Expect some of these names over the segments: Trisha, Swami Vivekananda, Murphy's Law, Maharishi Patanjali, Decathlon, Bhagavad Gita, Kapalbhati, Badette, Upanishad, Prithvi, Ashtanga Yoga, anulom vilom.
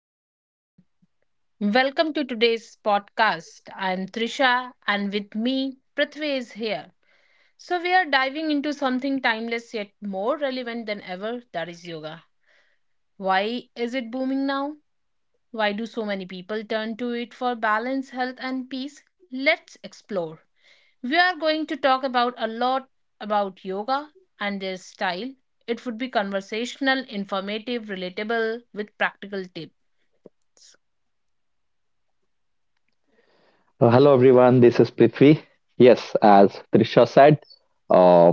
Hello, everyone. Welcome to today's podcast. I'm Trisha, and with me, Prithvi is here. So, we are diving into something timeless yet more relevant than ever that is yoga. Why is it booming now? Why do so many people turn to it for balance, health, and peace? Let's explore. We are going to talk about a lot about yoga and their style. It would be conversational, informative, relatable, with practical tips. Hello everyone, this is Prithvi. Yes, as Trisha said, uh,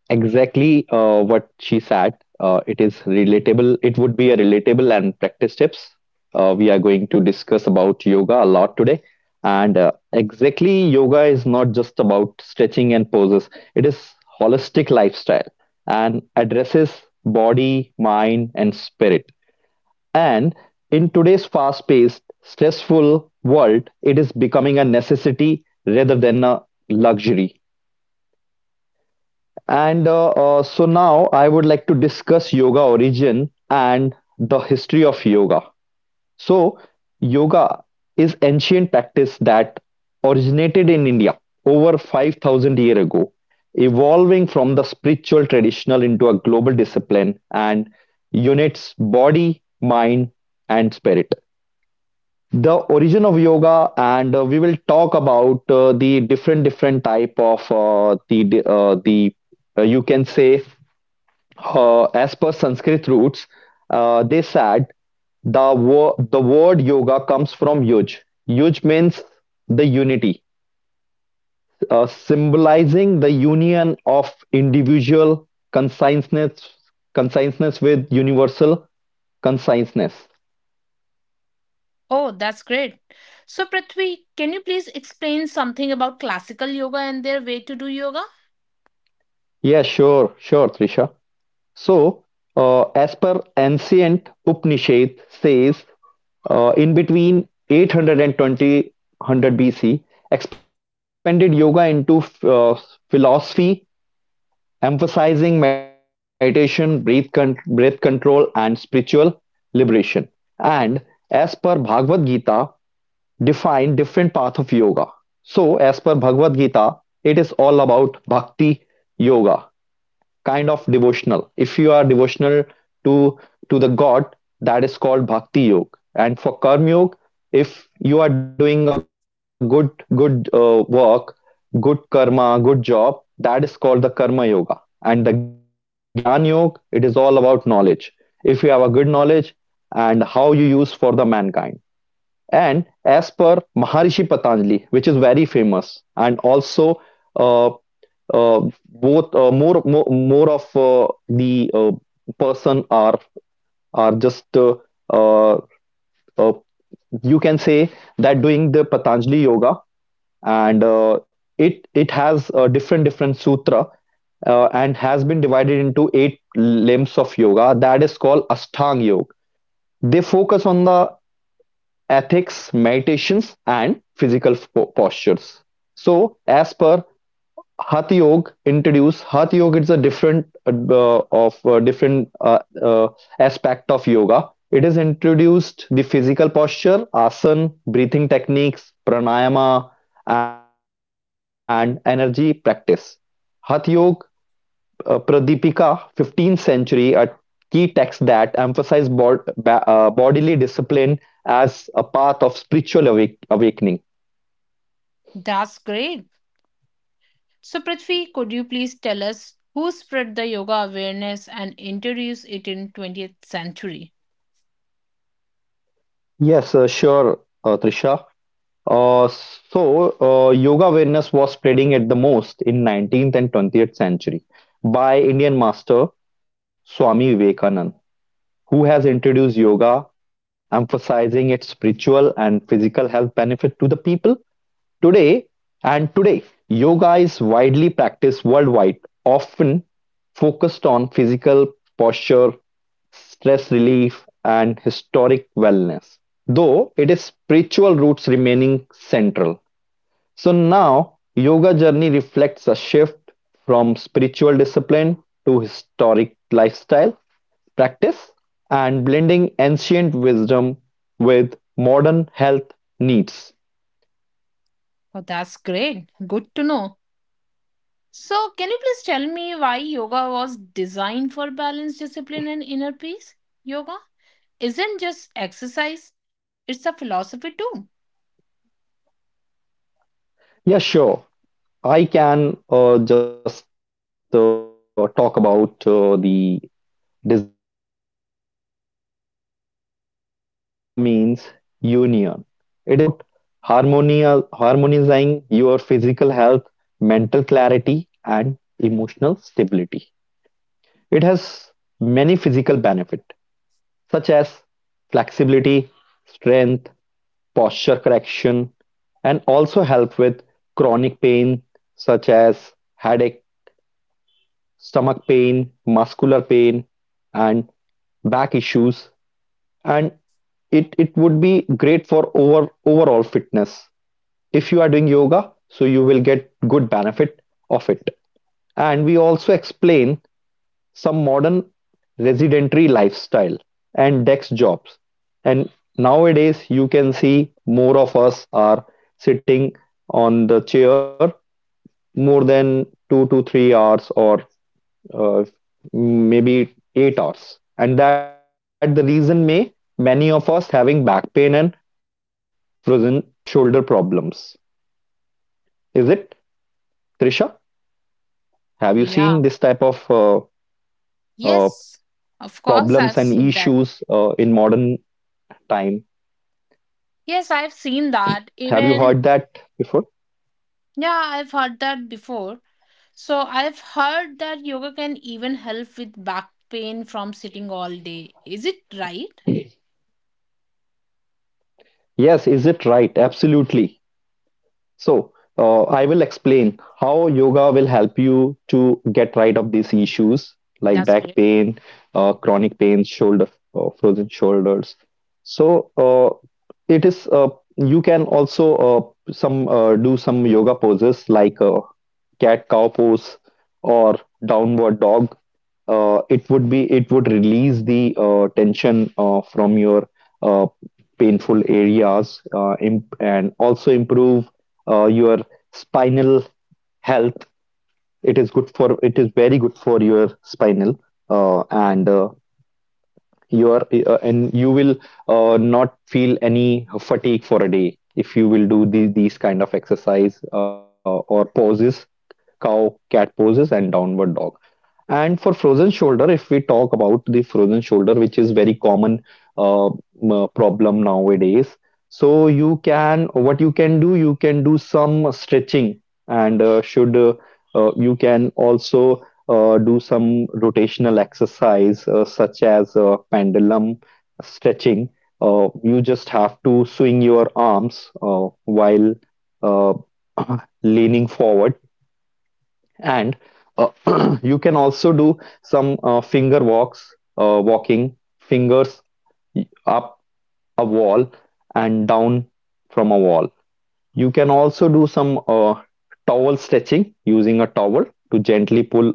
exactly, what she said. It is relatable. It would be a relatable and practice tips. We are going to discuss about yoga a lot today. And exactly, yoga is not just about stretching and poses. It is holistic lifestyle and addresses body, mind, and spirit. And in today's fast-paced, stressful world, it is becoming a necessity rather than a luxury. And so now I would like to discuss yoga origin and the history of yoga. So, yoga is ancient practice that originated in India over 5,000 years ago, evolving from the spiritual traditional into a global discipline and unites body, mind, and spirit. The origin of yoga, and we will talk about the different type of the you can say, as per Sanskrit roots, they said the word yoga comes from yuj. Yuj means the unity, symbolizing the union of individual consciousness with universal consciousness. Oh, that's great. So, Prithvi, can you please explain something about classical yoga and their way to do yoga? Yeah, sure, sure, Trisha. So, as per ancient Upanishad says, in between 820 100 BC, expanded yoga into uh, philosophy, emphasizing meditation, breath control, and spiritual liberation. And as per Bhagavad Gita, define different path of yoga. So, as per Bhagavad Gita, it is all about bhakti yoga, kind of devotional. If you are devotional to to the God, that is called bhakti yoga. And for karma yoga, if you are doing a good work, good karma, good job, that is called the karma yoga. And the gyan yoga, it is all about knowledge. If you have a good knowledge and how you use for the mankind. And as per Maharishi Patanjali, which is very famous, and also uh, uh, both more more more of the person are just uh, uh, you can say, that doing the Patanjali yoga, and it has a different sutra, and has been divided into eight limbs of yoga that is called Ashtanga Yoga. They focus on the ethics, meditations, and physical postures. So, as per Hatha Yoga introduced. Hatha Yoga. It's a different aspect of yoga. It has introduced the physical posture, asana, breathing techniques, pranayama, and energy practice. Hatha Yoga Pradipika, 15th century, a key text that emphasized bodily discipline as a path of spiritual awakening. That's great. So, Prithvi, could you please tell us who spread the yoga awareness and introduced it in 20th century? Yes, sure, Trisha. So, yoga awareness was spreading at the most in 19th and 20th century by Indian master Swami Vivekanand, who has introduced yoga, emphasizing its spiritual and physical health benefit to the people today. And today, yoga is widely practiced worldwide, often focused on physical posture, stress relief, and historic wellness, though it is spiritual roots remaining central. So now yoga journey reflects a shift from spiritual discipline to historic lifestyle practice and blending ancient wisdom with modern health needs. Oh, that's great. Good to know. So, can you please tell me why yoga was designed for balance, discipline, and inner peace? Yoga isn't just exercise, it's a philosophy too. Yeah, sure. I can just talk about the designed and balanced discipline of yoga. So the word yoga means union. It is about harmonizing your physical health, mental clarity, and emotional stability. It has many physical benefits such as flexibility, strength, posture correction, and also help with chronic pain such as headache, stomach pain, muscular pain, and back issues. And it would be great for overall fitness. If you are doing yoga, so you will get good benefit of it. And we also explain some modern residentry lifestyle and desk jobs. And nowadays you can see more of us are sitting on the chair more than 2 to 3 hours, or uh, maybe 8 hours. And that the reason may many of us having back pain and frozen shoulder problems. Is it, Trisha? Have you seen this type Yeah. of uh, Yes, of problems and course, I've seen issues that. In modern time? Yes, I've seen that. Have you heard Even, that before? yeah, I've heard that before. So, I've heard that yoga can even help with back pain from sitting all day. Is it right? Yes, is it right? Absolutely. So, I will explain how yoga will help you to get rid of these issues, like That's back correct. pain, chronic pain, shoulder, frozen shoulders. So, it is you can also some do some yoga poses, like cat cow pose or downward dog. It would release the tension from your uh, painful areas, and also improve your spinal health. It is good for, it is very good for your spinal, uh, and uh, and you will not feel any fatigue for a day if you will do the, these kind of exercise or poses, cow cat poses and downward dog. And for frozen shoulder, if we talk about the frozen shoulder, which is very common uh, m- problem nowadays, so you can, what you can do some stretching, and should you can also do some rotational exercise, such as pendulum stretching. You just have to swing your arms while uh, leaning forward, and uh, you can also do some finger walks, walking fingers up a wall and down from a wall. You can also do some towel stretching, using a towel to gently pull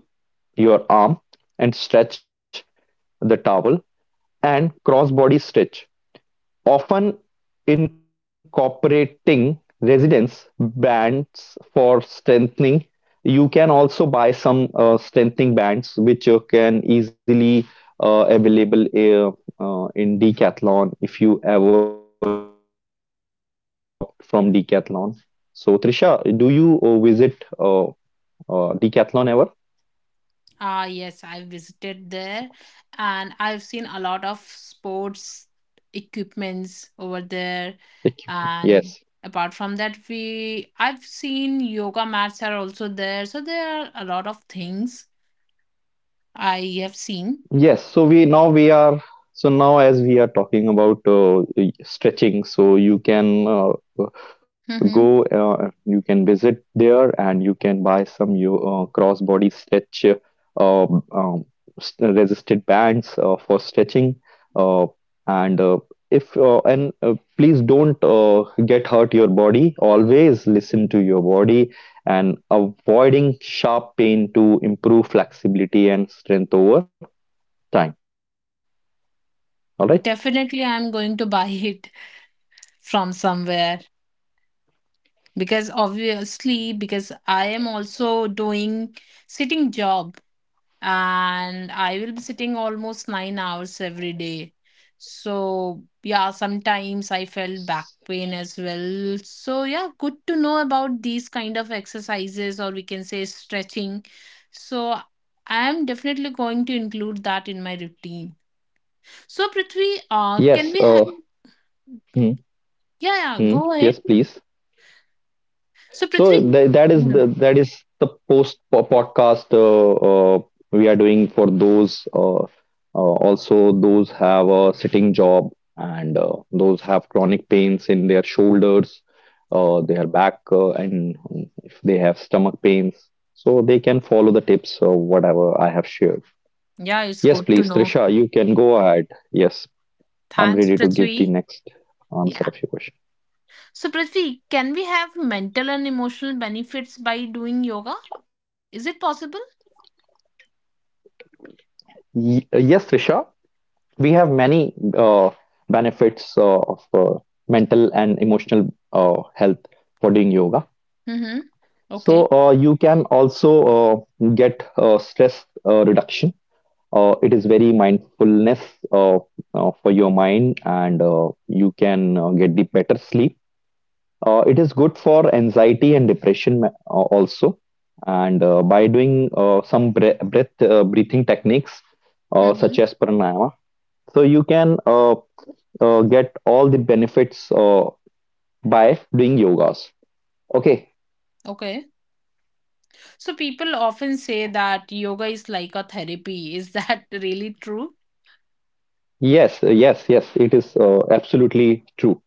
your arm and stretch the towel, and cross body stretch. Often incorporating resistance bands for strengthening. You can also buy some strengthening bands, which can easily available in Decathlon, if you ever shop from Decathlon. So Trisha, do you visit Decathlon ever? Ah, yes, I visited there and I've seen a lot of sports equipments over there. Thank you. And Yes. apart from that, we I've seen yoga mats are also there. So, there are a lot of things I have seen. Yes, so we now we are so now as we are talking about stretching, so you can uh, Mm-hmm. You can visit there, and you can buy some you cross body stretch, um, um, s- resisted bands for stretching, uh, and if and please don't get hurt your body. Always listen to your body and avoiding sharp pain to improve flexibility and strength over time. All right. Definitely, I'm going to buy it from somewhere because obviously, because I am also doing sitting job and I will be sitting almost 9 hours every day. So yeah, sometimes I felt back pain as well. So yeah, good to know about these kind of exercises or we can say stretching. So I am definitely going to include that in my routine. So, Prithvi, can Yes. we have— hmm, Yeah, yeah, go ahead. yes, please. So, So Prithvi. th that is Hmm. the, that is the podcast we are doing for those also, those have a sitting job, and those have chronic pains in their shoulders, their back, and if they have stomach pains, so they can follow the tips or whatever I have shared. Yeah, it's Yes, good to please, know. Trisha, you can go ahead. Yes, I'm Thanks, ready to give the Prithvi. next Yeah. answer of your question. So, Prithvi, can we have mental and emotional benefits by doing yoga? Is it possible? Yes, Trisha, we have many benefits of mental and emotional health for doing yoga. Mm-hmm. So you Okay. can also get stress reduction. It is very mindfulness uh, for your mind, and you can get the better sleep. It is good for anxiety and depression also. And by doing some breathing techniques, Mm-hmm. such as pranayama, so you can get all the benefits by doing yogas. Okay. Okay. So, people often say that yoga is like a therapy. Is that really true? Yes, yes, yes. It is absolutely true.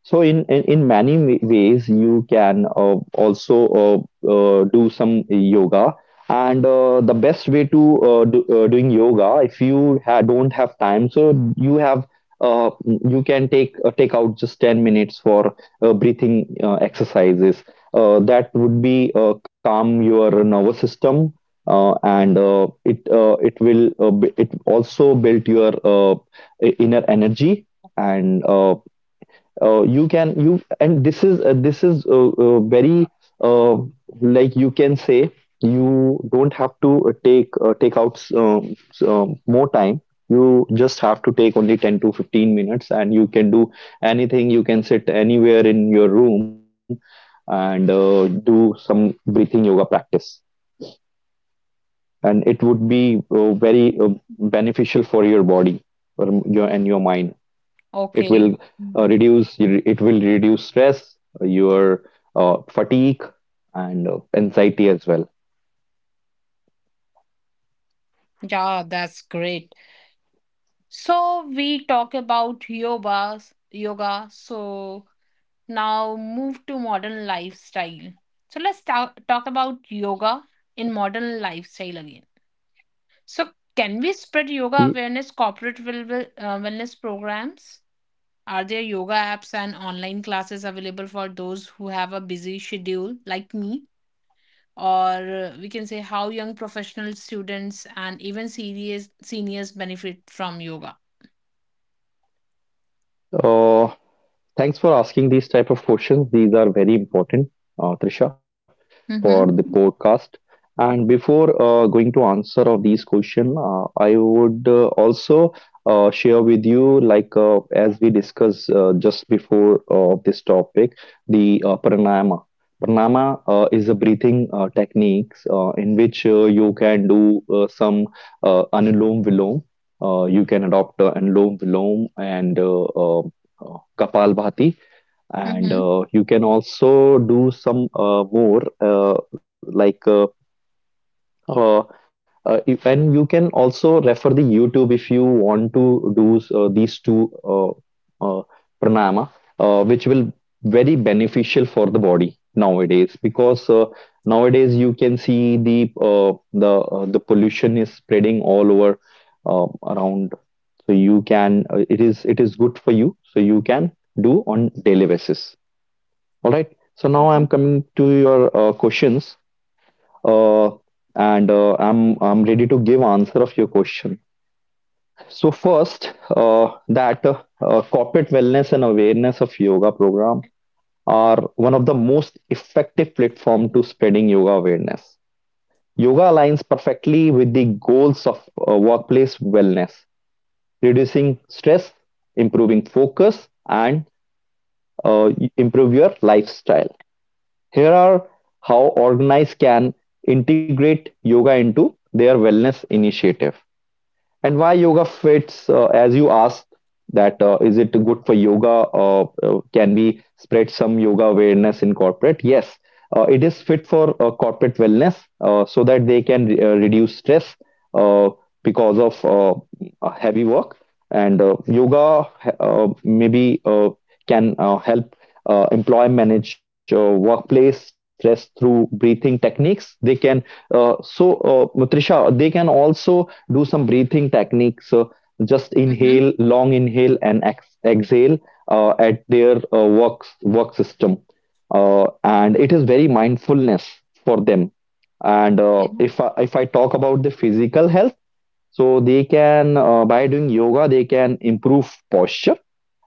So in many ways, you can also do some yoga. And the best way to doing yoga, if you ha don't have time, so you have, uh, you can take out just 10 minutes for breathing exercises. That would be calm your nervous system, and it will it also build your inner energy, and you can you and this is very uh, like you can say, you don't have to take out more time. You just have to take only 10 to 15 minutes and you can do anything, you can sit anywhere in your room and do some breathing yoga practice, and it would be very beneficial for your body or m- your and your mind. It will Okay. Mm. Reduce stress, your fatigue, and anxiety as well. Yeah, that's great. So, we talk about yoga. So, now, move to modern lifestyle. So, let's talk about yoga in modern lifestyle again. So, can we spread Y- yoga awareness corporate wellness programs? Are there yoga apps and online classes available for those who have a busy schedule like me? Or we can say how young professional students and even serious seniors benefit from yoga. uh, Thanks for asking these type of questions. These are very important, Trisha, for the Mm-hmm. podcast. And before going to answer of these question, I would also share with you, like as we discussed just before this topic, the pranayama. Pranayama is a breathing techniques in which you can do some anulom vilom. You can adopt anulom vilom and Kapalbhati, and Mm-hmm. You can also do some more, like, uh, if, and you can also refer the YouTube if you want to do these two uh, pranayama, which will very beneficial for the body nowadays because nowadays you can see the pollution is spreading all over, uh, around. So you can it is good for you. So you can do on daily basis. All right. So now I'm coming to your questions, uh, and I'm ready to give answer of your question. So first, that corporate wellness and awareness of yoga program are one of the most effective platform to spreading yoga awareness. Yoga aligns perfectly with the goals of workplace wellness, reducing stress, improving focus, and uh, improve your lifestyle. Here are how organized can integrate yoga into their wellness initiative. And why yoga fits, as you asked, that is it good for yoga? Can we spread some yoga awareness in corporate? Yes, it is fit for corporate wellness, so that they can reduce stress uh, because of heavy work. And yoga maybe can help employee manage workplace stress through breathing techniques. They can So, Trisha, they can also do some breathing techniques. Just Mm-hmm. inhale, long inhale, and exhale at their work system, and it is very mindfulness for them. And Okay. if I talk about the physical health, so they can by doing yoga they can improve posture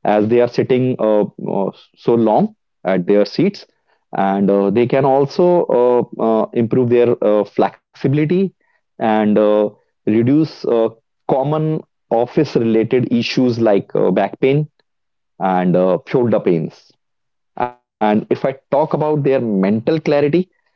as they are sitting so long at their seats, and they can also improve their flexibility and reduce common office related issues like back pain and shoulder pains. And if I talk about their mental clarity,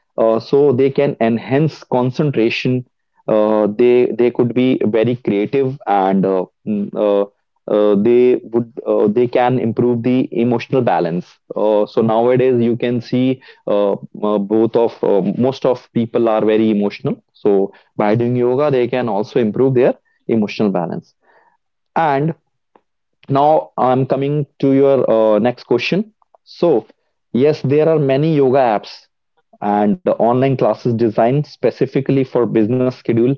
so they can enhance concentration. They could be very creative, and they can improve the emotional balance. So nowadays you can see, uh, both of most of people are very emotional. So by doing yoga, they can also improve their emotional balance. And now I'm coming to your next question. So, yes, there are many yoga apps and online classes designed specifically for business schedule.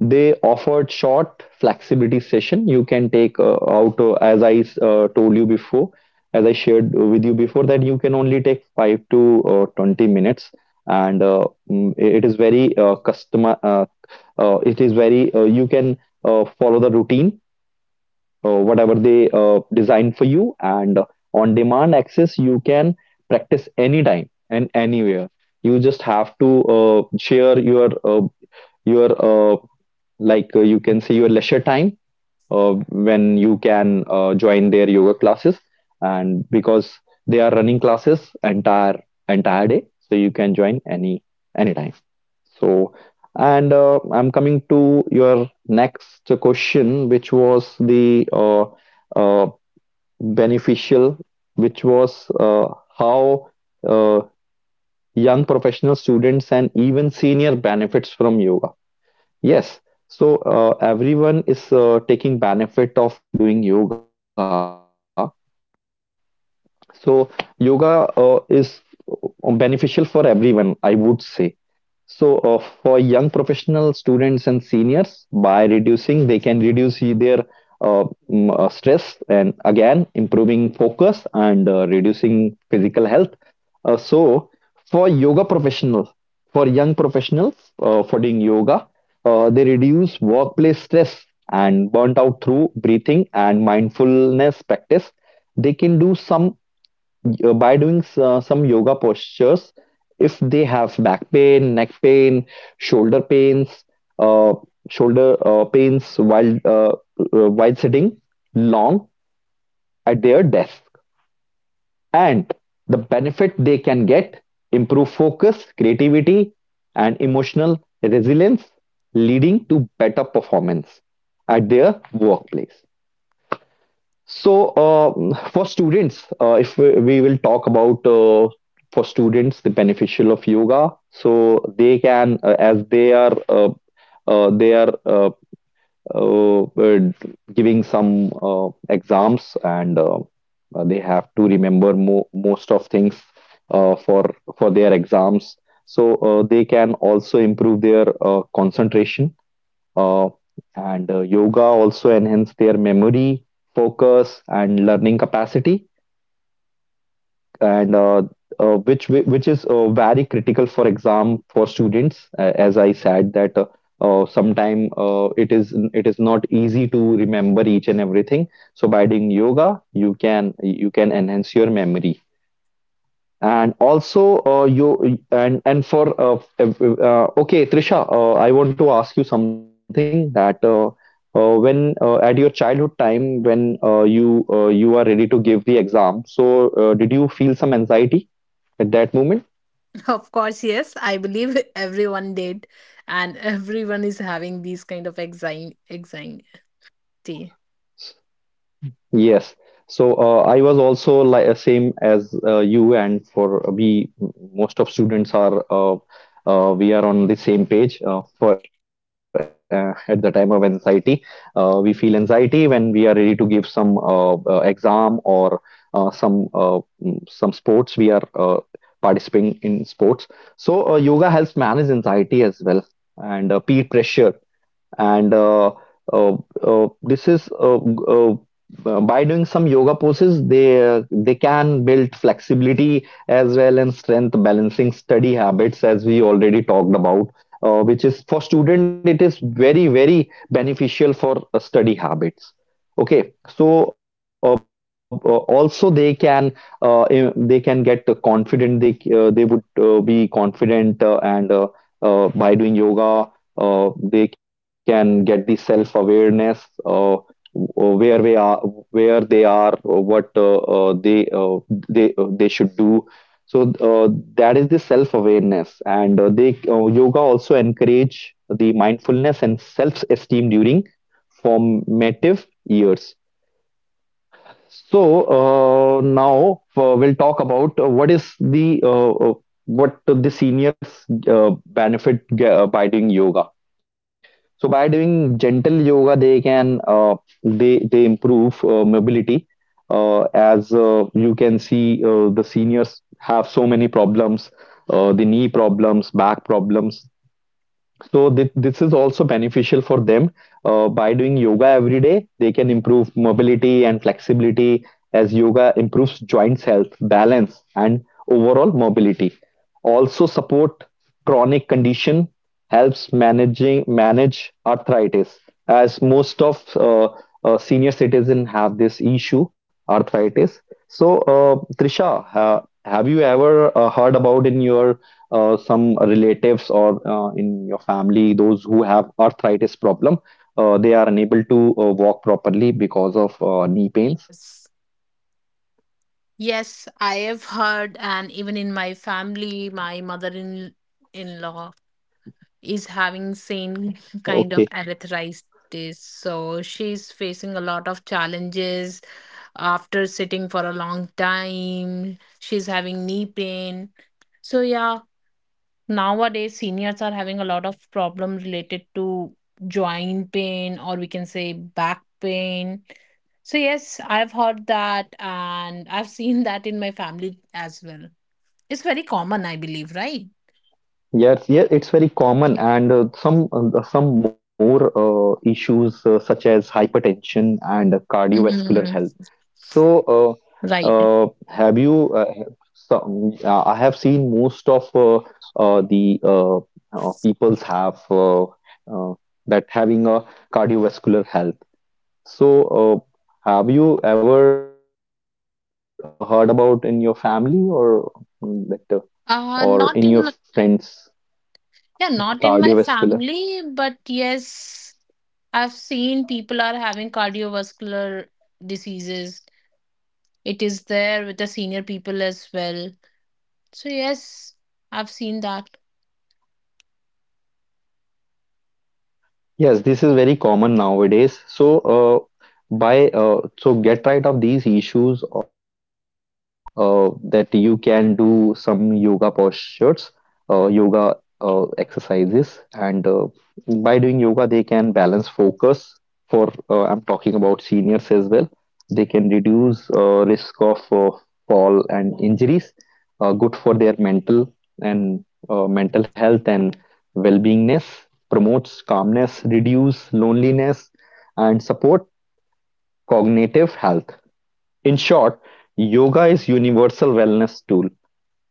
They offered short flexibility session. You can take out, as I shared with you before, that you can only take 5 to 20 minutes, and it is very customer. It is very you can follow the routine whatever they design for you, and on demand access you can practice anytime and anywhere. You just have to share your like, you can say, your leisure time, when you can join their yoga classes, and because they are running classes entire day, so you can join anytime. So and I'm coming to your next question, which was uh, beneficial which was uh, how uh, young professional students and even senior benefits from yoga. Yes, so everyone is taking benefit of doing yoga. So yoga is beneficial for everyone, I would say. So, for young professional students and seniors, they can reduce their uh, stress, and again improving focus, and reducing physical health. So, for yoga professionals, for young professionals, for doing yoga, they reduce workplace stress and burnt out through breathing and mindfulness practice. They can do some by doing some yoga postures if they have back pain, neck pain, shoulder pains, uh, shoulder uh, pains while uh, while sitting long at their desk, and the benefit they can get, improve focus, creativity, and emotional resilience, leading to better performance at their workplace. So, for students, if we will talk about for students the beneficial of yoga, so they can, as they are, uh, they are uh, uh, uh, giving some exams, and they have to remember mo most of things uh, for for their exams. So they can also improve their concentration, uh, and yoga also enhance their memory, focus, and learning capacity, and which is very critical for exam for students. As I said that, sometime it is not easy to remember each and everything. So by doing yoga you can enhance your memory. And also, you and for ev- okay, Trisha, I want to ask you something, that when at your childhood time, when you are ready to give the exam, so, did you feel some anxiety at that moment? Of course, yes. I believe everyone did, and everyone is having these kind of anxiety. Yes. So I was also like same as you, and for we most of students are we are on the same page for at the time of anxiety. We feel anxiety when we are ready to give some exam or uh, some uh, some sports. We are participating in sports. So yoga helps manage anxiety as well, and peer pressure, and uh, this is g- by doing some yoga poses they can build flexibility as well, and strength, balancing study habits, as we already talked about, which is for student, it is very very beneficial for study habits. Okay, so also they can get confident. They would be confident, and by doing yoga they can get the self awareness, uh, where we are, where they are, what they should do. So that is the self awareness, and they yoga also encourage the mindfulness and self esteem during formative years. So now we'll talk about what the seniors benefit by doing yoga. So by doing gentle yoga, they improve mobility. As you can see, the seniors have so many problems, the knee problems, back problems. So this is also beneficial for them. By doing yoga every day, they can improve mobility and flexibility, as yoga improves joints health, balance, and overall mobility. Also support chronic condition, helps managing manage arthritis, as most of senior citizen have this issue, arthritis. So Trisha, have you ever heard about in your some relatives or in your family, those who have arthritis problem, they are unable to walk properly because of knee pains? Yes. Yes, I have heard, and even in my family, my mother-in-law is having same kind of Okay. arthritis. So she's facing a lot of challenges after sitting for a long time. She's having knee pain. So yeah, nowadays, seniors are having a lot of problem related to joint pain or we can say back pain. So yes, I've heard that and I've seen that in my family as well. It's very common, I believe, right? Yes, yeah, it's very common, and some more issues, such as hypertension and cardiovascular Mm, health. So, right. Have you? I have seen most of the peoples have that having a cardiovascular health. So, have you ever heard about in your family, or mm, that, uh, or in your friends, Not in my, the yeah, cardiovascular? not in my family, but yes, I've seen people are having cardiovascular diseases. It is there with the senior people as well. So yes, I've seen that. Yes, this is very common nowadays. So, by so get right of these issues, or that you can do some yoga postures, yoga exercises, and by doing yoga, they can balance focus. For I'm talking about seniors as well. They can reduce risk of fall and injuries. Good for their and mental health and well-beingness, promotes calmness, reduces loneliness, and support cognitive health. In short, yoga is universal wellness tool.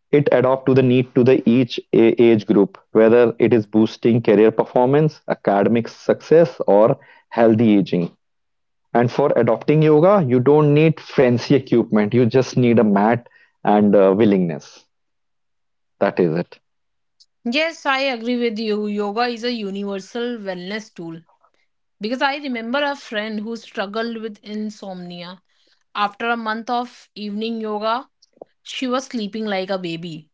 It adapts to the need to the each age group, whether it is boosting career performance, academic success, or healthy aging. And for adopting yoga, you don't need fancy equipment. You just need a mat and willingness. That is it. Yes, I agree with you. Yoga is a universal wellness tool because I remember a friend who struggled with insomnia. After a month of evening yoga, she was sleeping like a baby.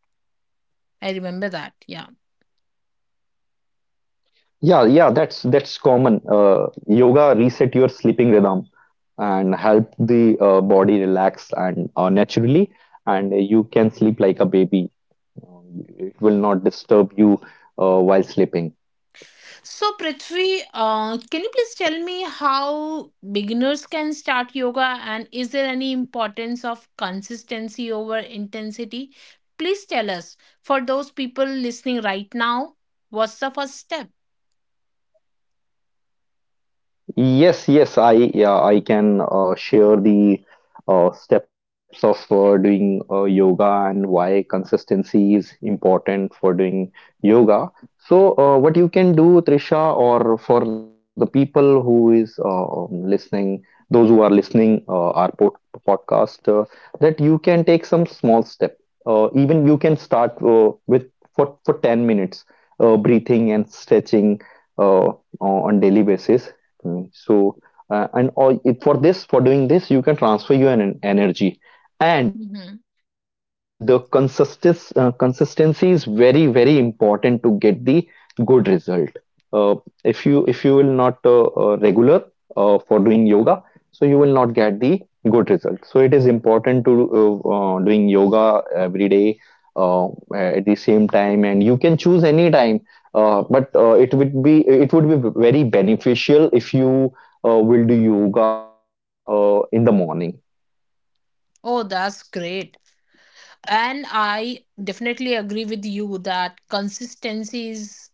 I remember that. Yeah. Yeah, yeah, that's common. Yoga reset your sleeping rhythm and help the body relax and naturally, and you can sleep like a baby. Uh, It will not disturb you while sleeping. So, Prithvi, can you please tell me how beginners can start yoga and is there any importance of consistency over intensity? Please tell us for those people listening right now, what's the first step? Yes, yes, I yeah, I can share the steps of doing yoga and why consistency is important for doing yoga. So, what you can do, Trisha, or for the people who is listening, those who are listening our podcast, that you can take some small step. Even you can start with for 10 minutes, breathing and stretching uh, on on daily basis. Mm. So, and all, if for this, for doing this, you can transfer your energy. And Mm-hmm. Consistency is very, very important to get the good result. Uh, if you will not regular for doing yoga, so you will not get the good result. So it is important to doing yoga every day uh, at the same time, and you can choose any time. But it would be very beneficial if you we'll do yoga in the morning. Oh, that's great, and I definitely agree with you that consistency is,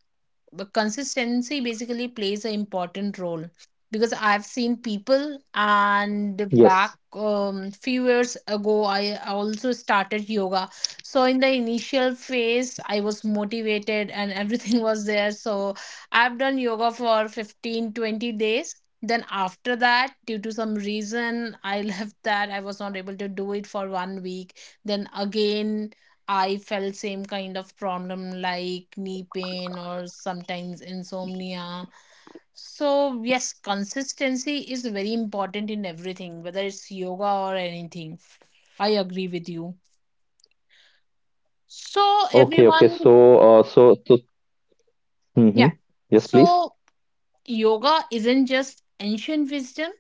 but consistency basically plays an important role, because I've seen people, and back Yes. Few years ago I also started yoga. So in the initial phase I was motivated and everything was there, so I've done yoga for 15, 20 days. Then after that, due to some reason, I left that. I was not able to do it for one week. Then again I felt same kind of problem, like knee pain or sometimes insomnia. So yes, consistency is very important in everything, whether it's yoga or anything. I agree with you. So Okay, okay. everyone, uh, so, so, yeah, hmm Yes, so please. yoga isn't just ancient wisdom,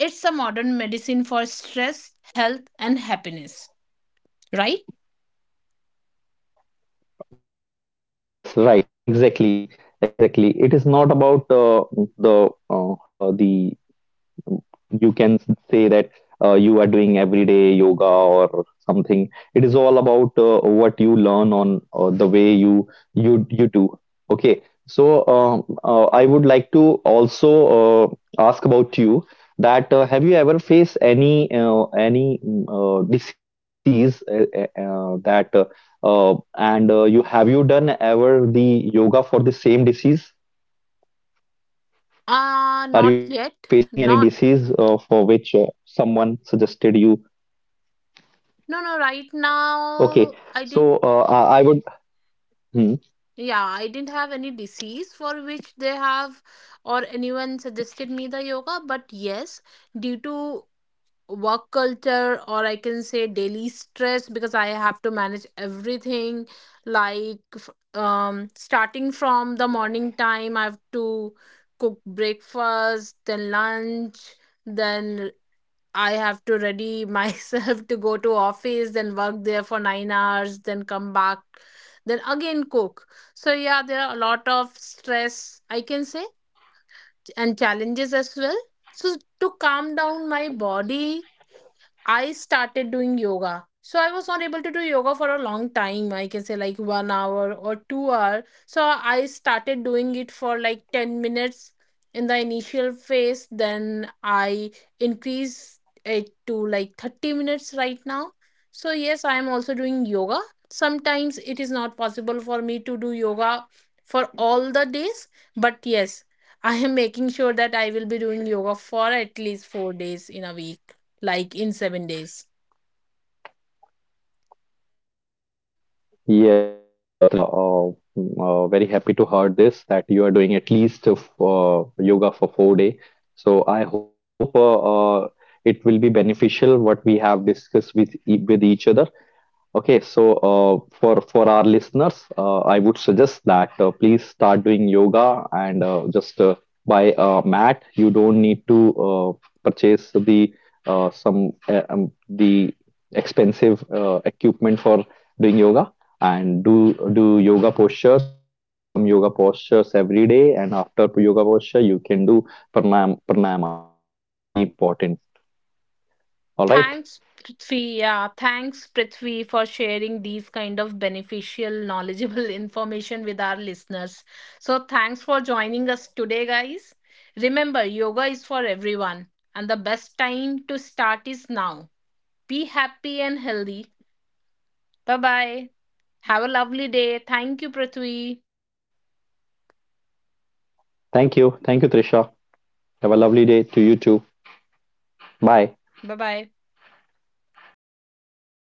it's a modern medicine for stress, health, and happiness, right? Oh, yes, right. Exactly. Exactly. It is not about the uh, the you can say that you are doing everyday yoga or something. It is all about what you learn on the way you do. Okay, so I would like to also ask about you that have you ever faced any any disease, that and you done ever the yoga for the same disease? Not Are you yet. facing any Not disease for which someone suggested you? No, no, right now Okay, I didn't, so I would. Hmm. yeah, I didn't have any disease for which they have or anyone suggested me the yoga, but yes, due to work culture, or I can say daily stress, because I have to manage everything, like starting from the morning time I have to cook breakfast, then lunch, then I have to ready myself to go to office, then work there for 9 hours, then come back, then again cook. So yeah, there are a lot of stress I can say, and challenges as well. So to calm down my body I started doing yoga. So I was not able to do yoga for a long time. I can say like one hour or 2 hour. So I started doing it for like 10 minutes in the initial phase. Then I increased it to like 30 minutes right now. So yes, I am also doing yoga. Sometimes it is not possible for me to do yoga for all the days. But yes, I am making sure that I will be doing yoga for at least 4 days in a week, like in 7 days. Yes, Trisha, very happy to heard this that you are doing at least yoga for 4 day. So I hope it will be beneficial what we have discussed with each other. Okay, so uh, for our listeners, I would suggest that please start doing yoga and just buy a mat. You don't need to uh, purchase the some the expensive equipment for doing yoga, and do yoga postures, some yoga postures every day, and after yoga posture you can do pranam pranayama, which is very important. All right. Thanks, Prithvi. Yeah, thanks, Prithvi, for sharing these kind of beneficial, knowledgeable information with our listeners. So, thanks for joining us today, guys. Remember, yoga is for everyone, and the best time to start is now. Be happy and healthy. Bye bye. Have a lovely day. Thank you, Prithvi. Thank you. Thank you, Trisha. Have a lovely day to you too. Bye. Bye bye.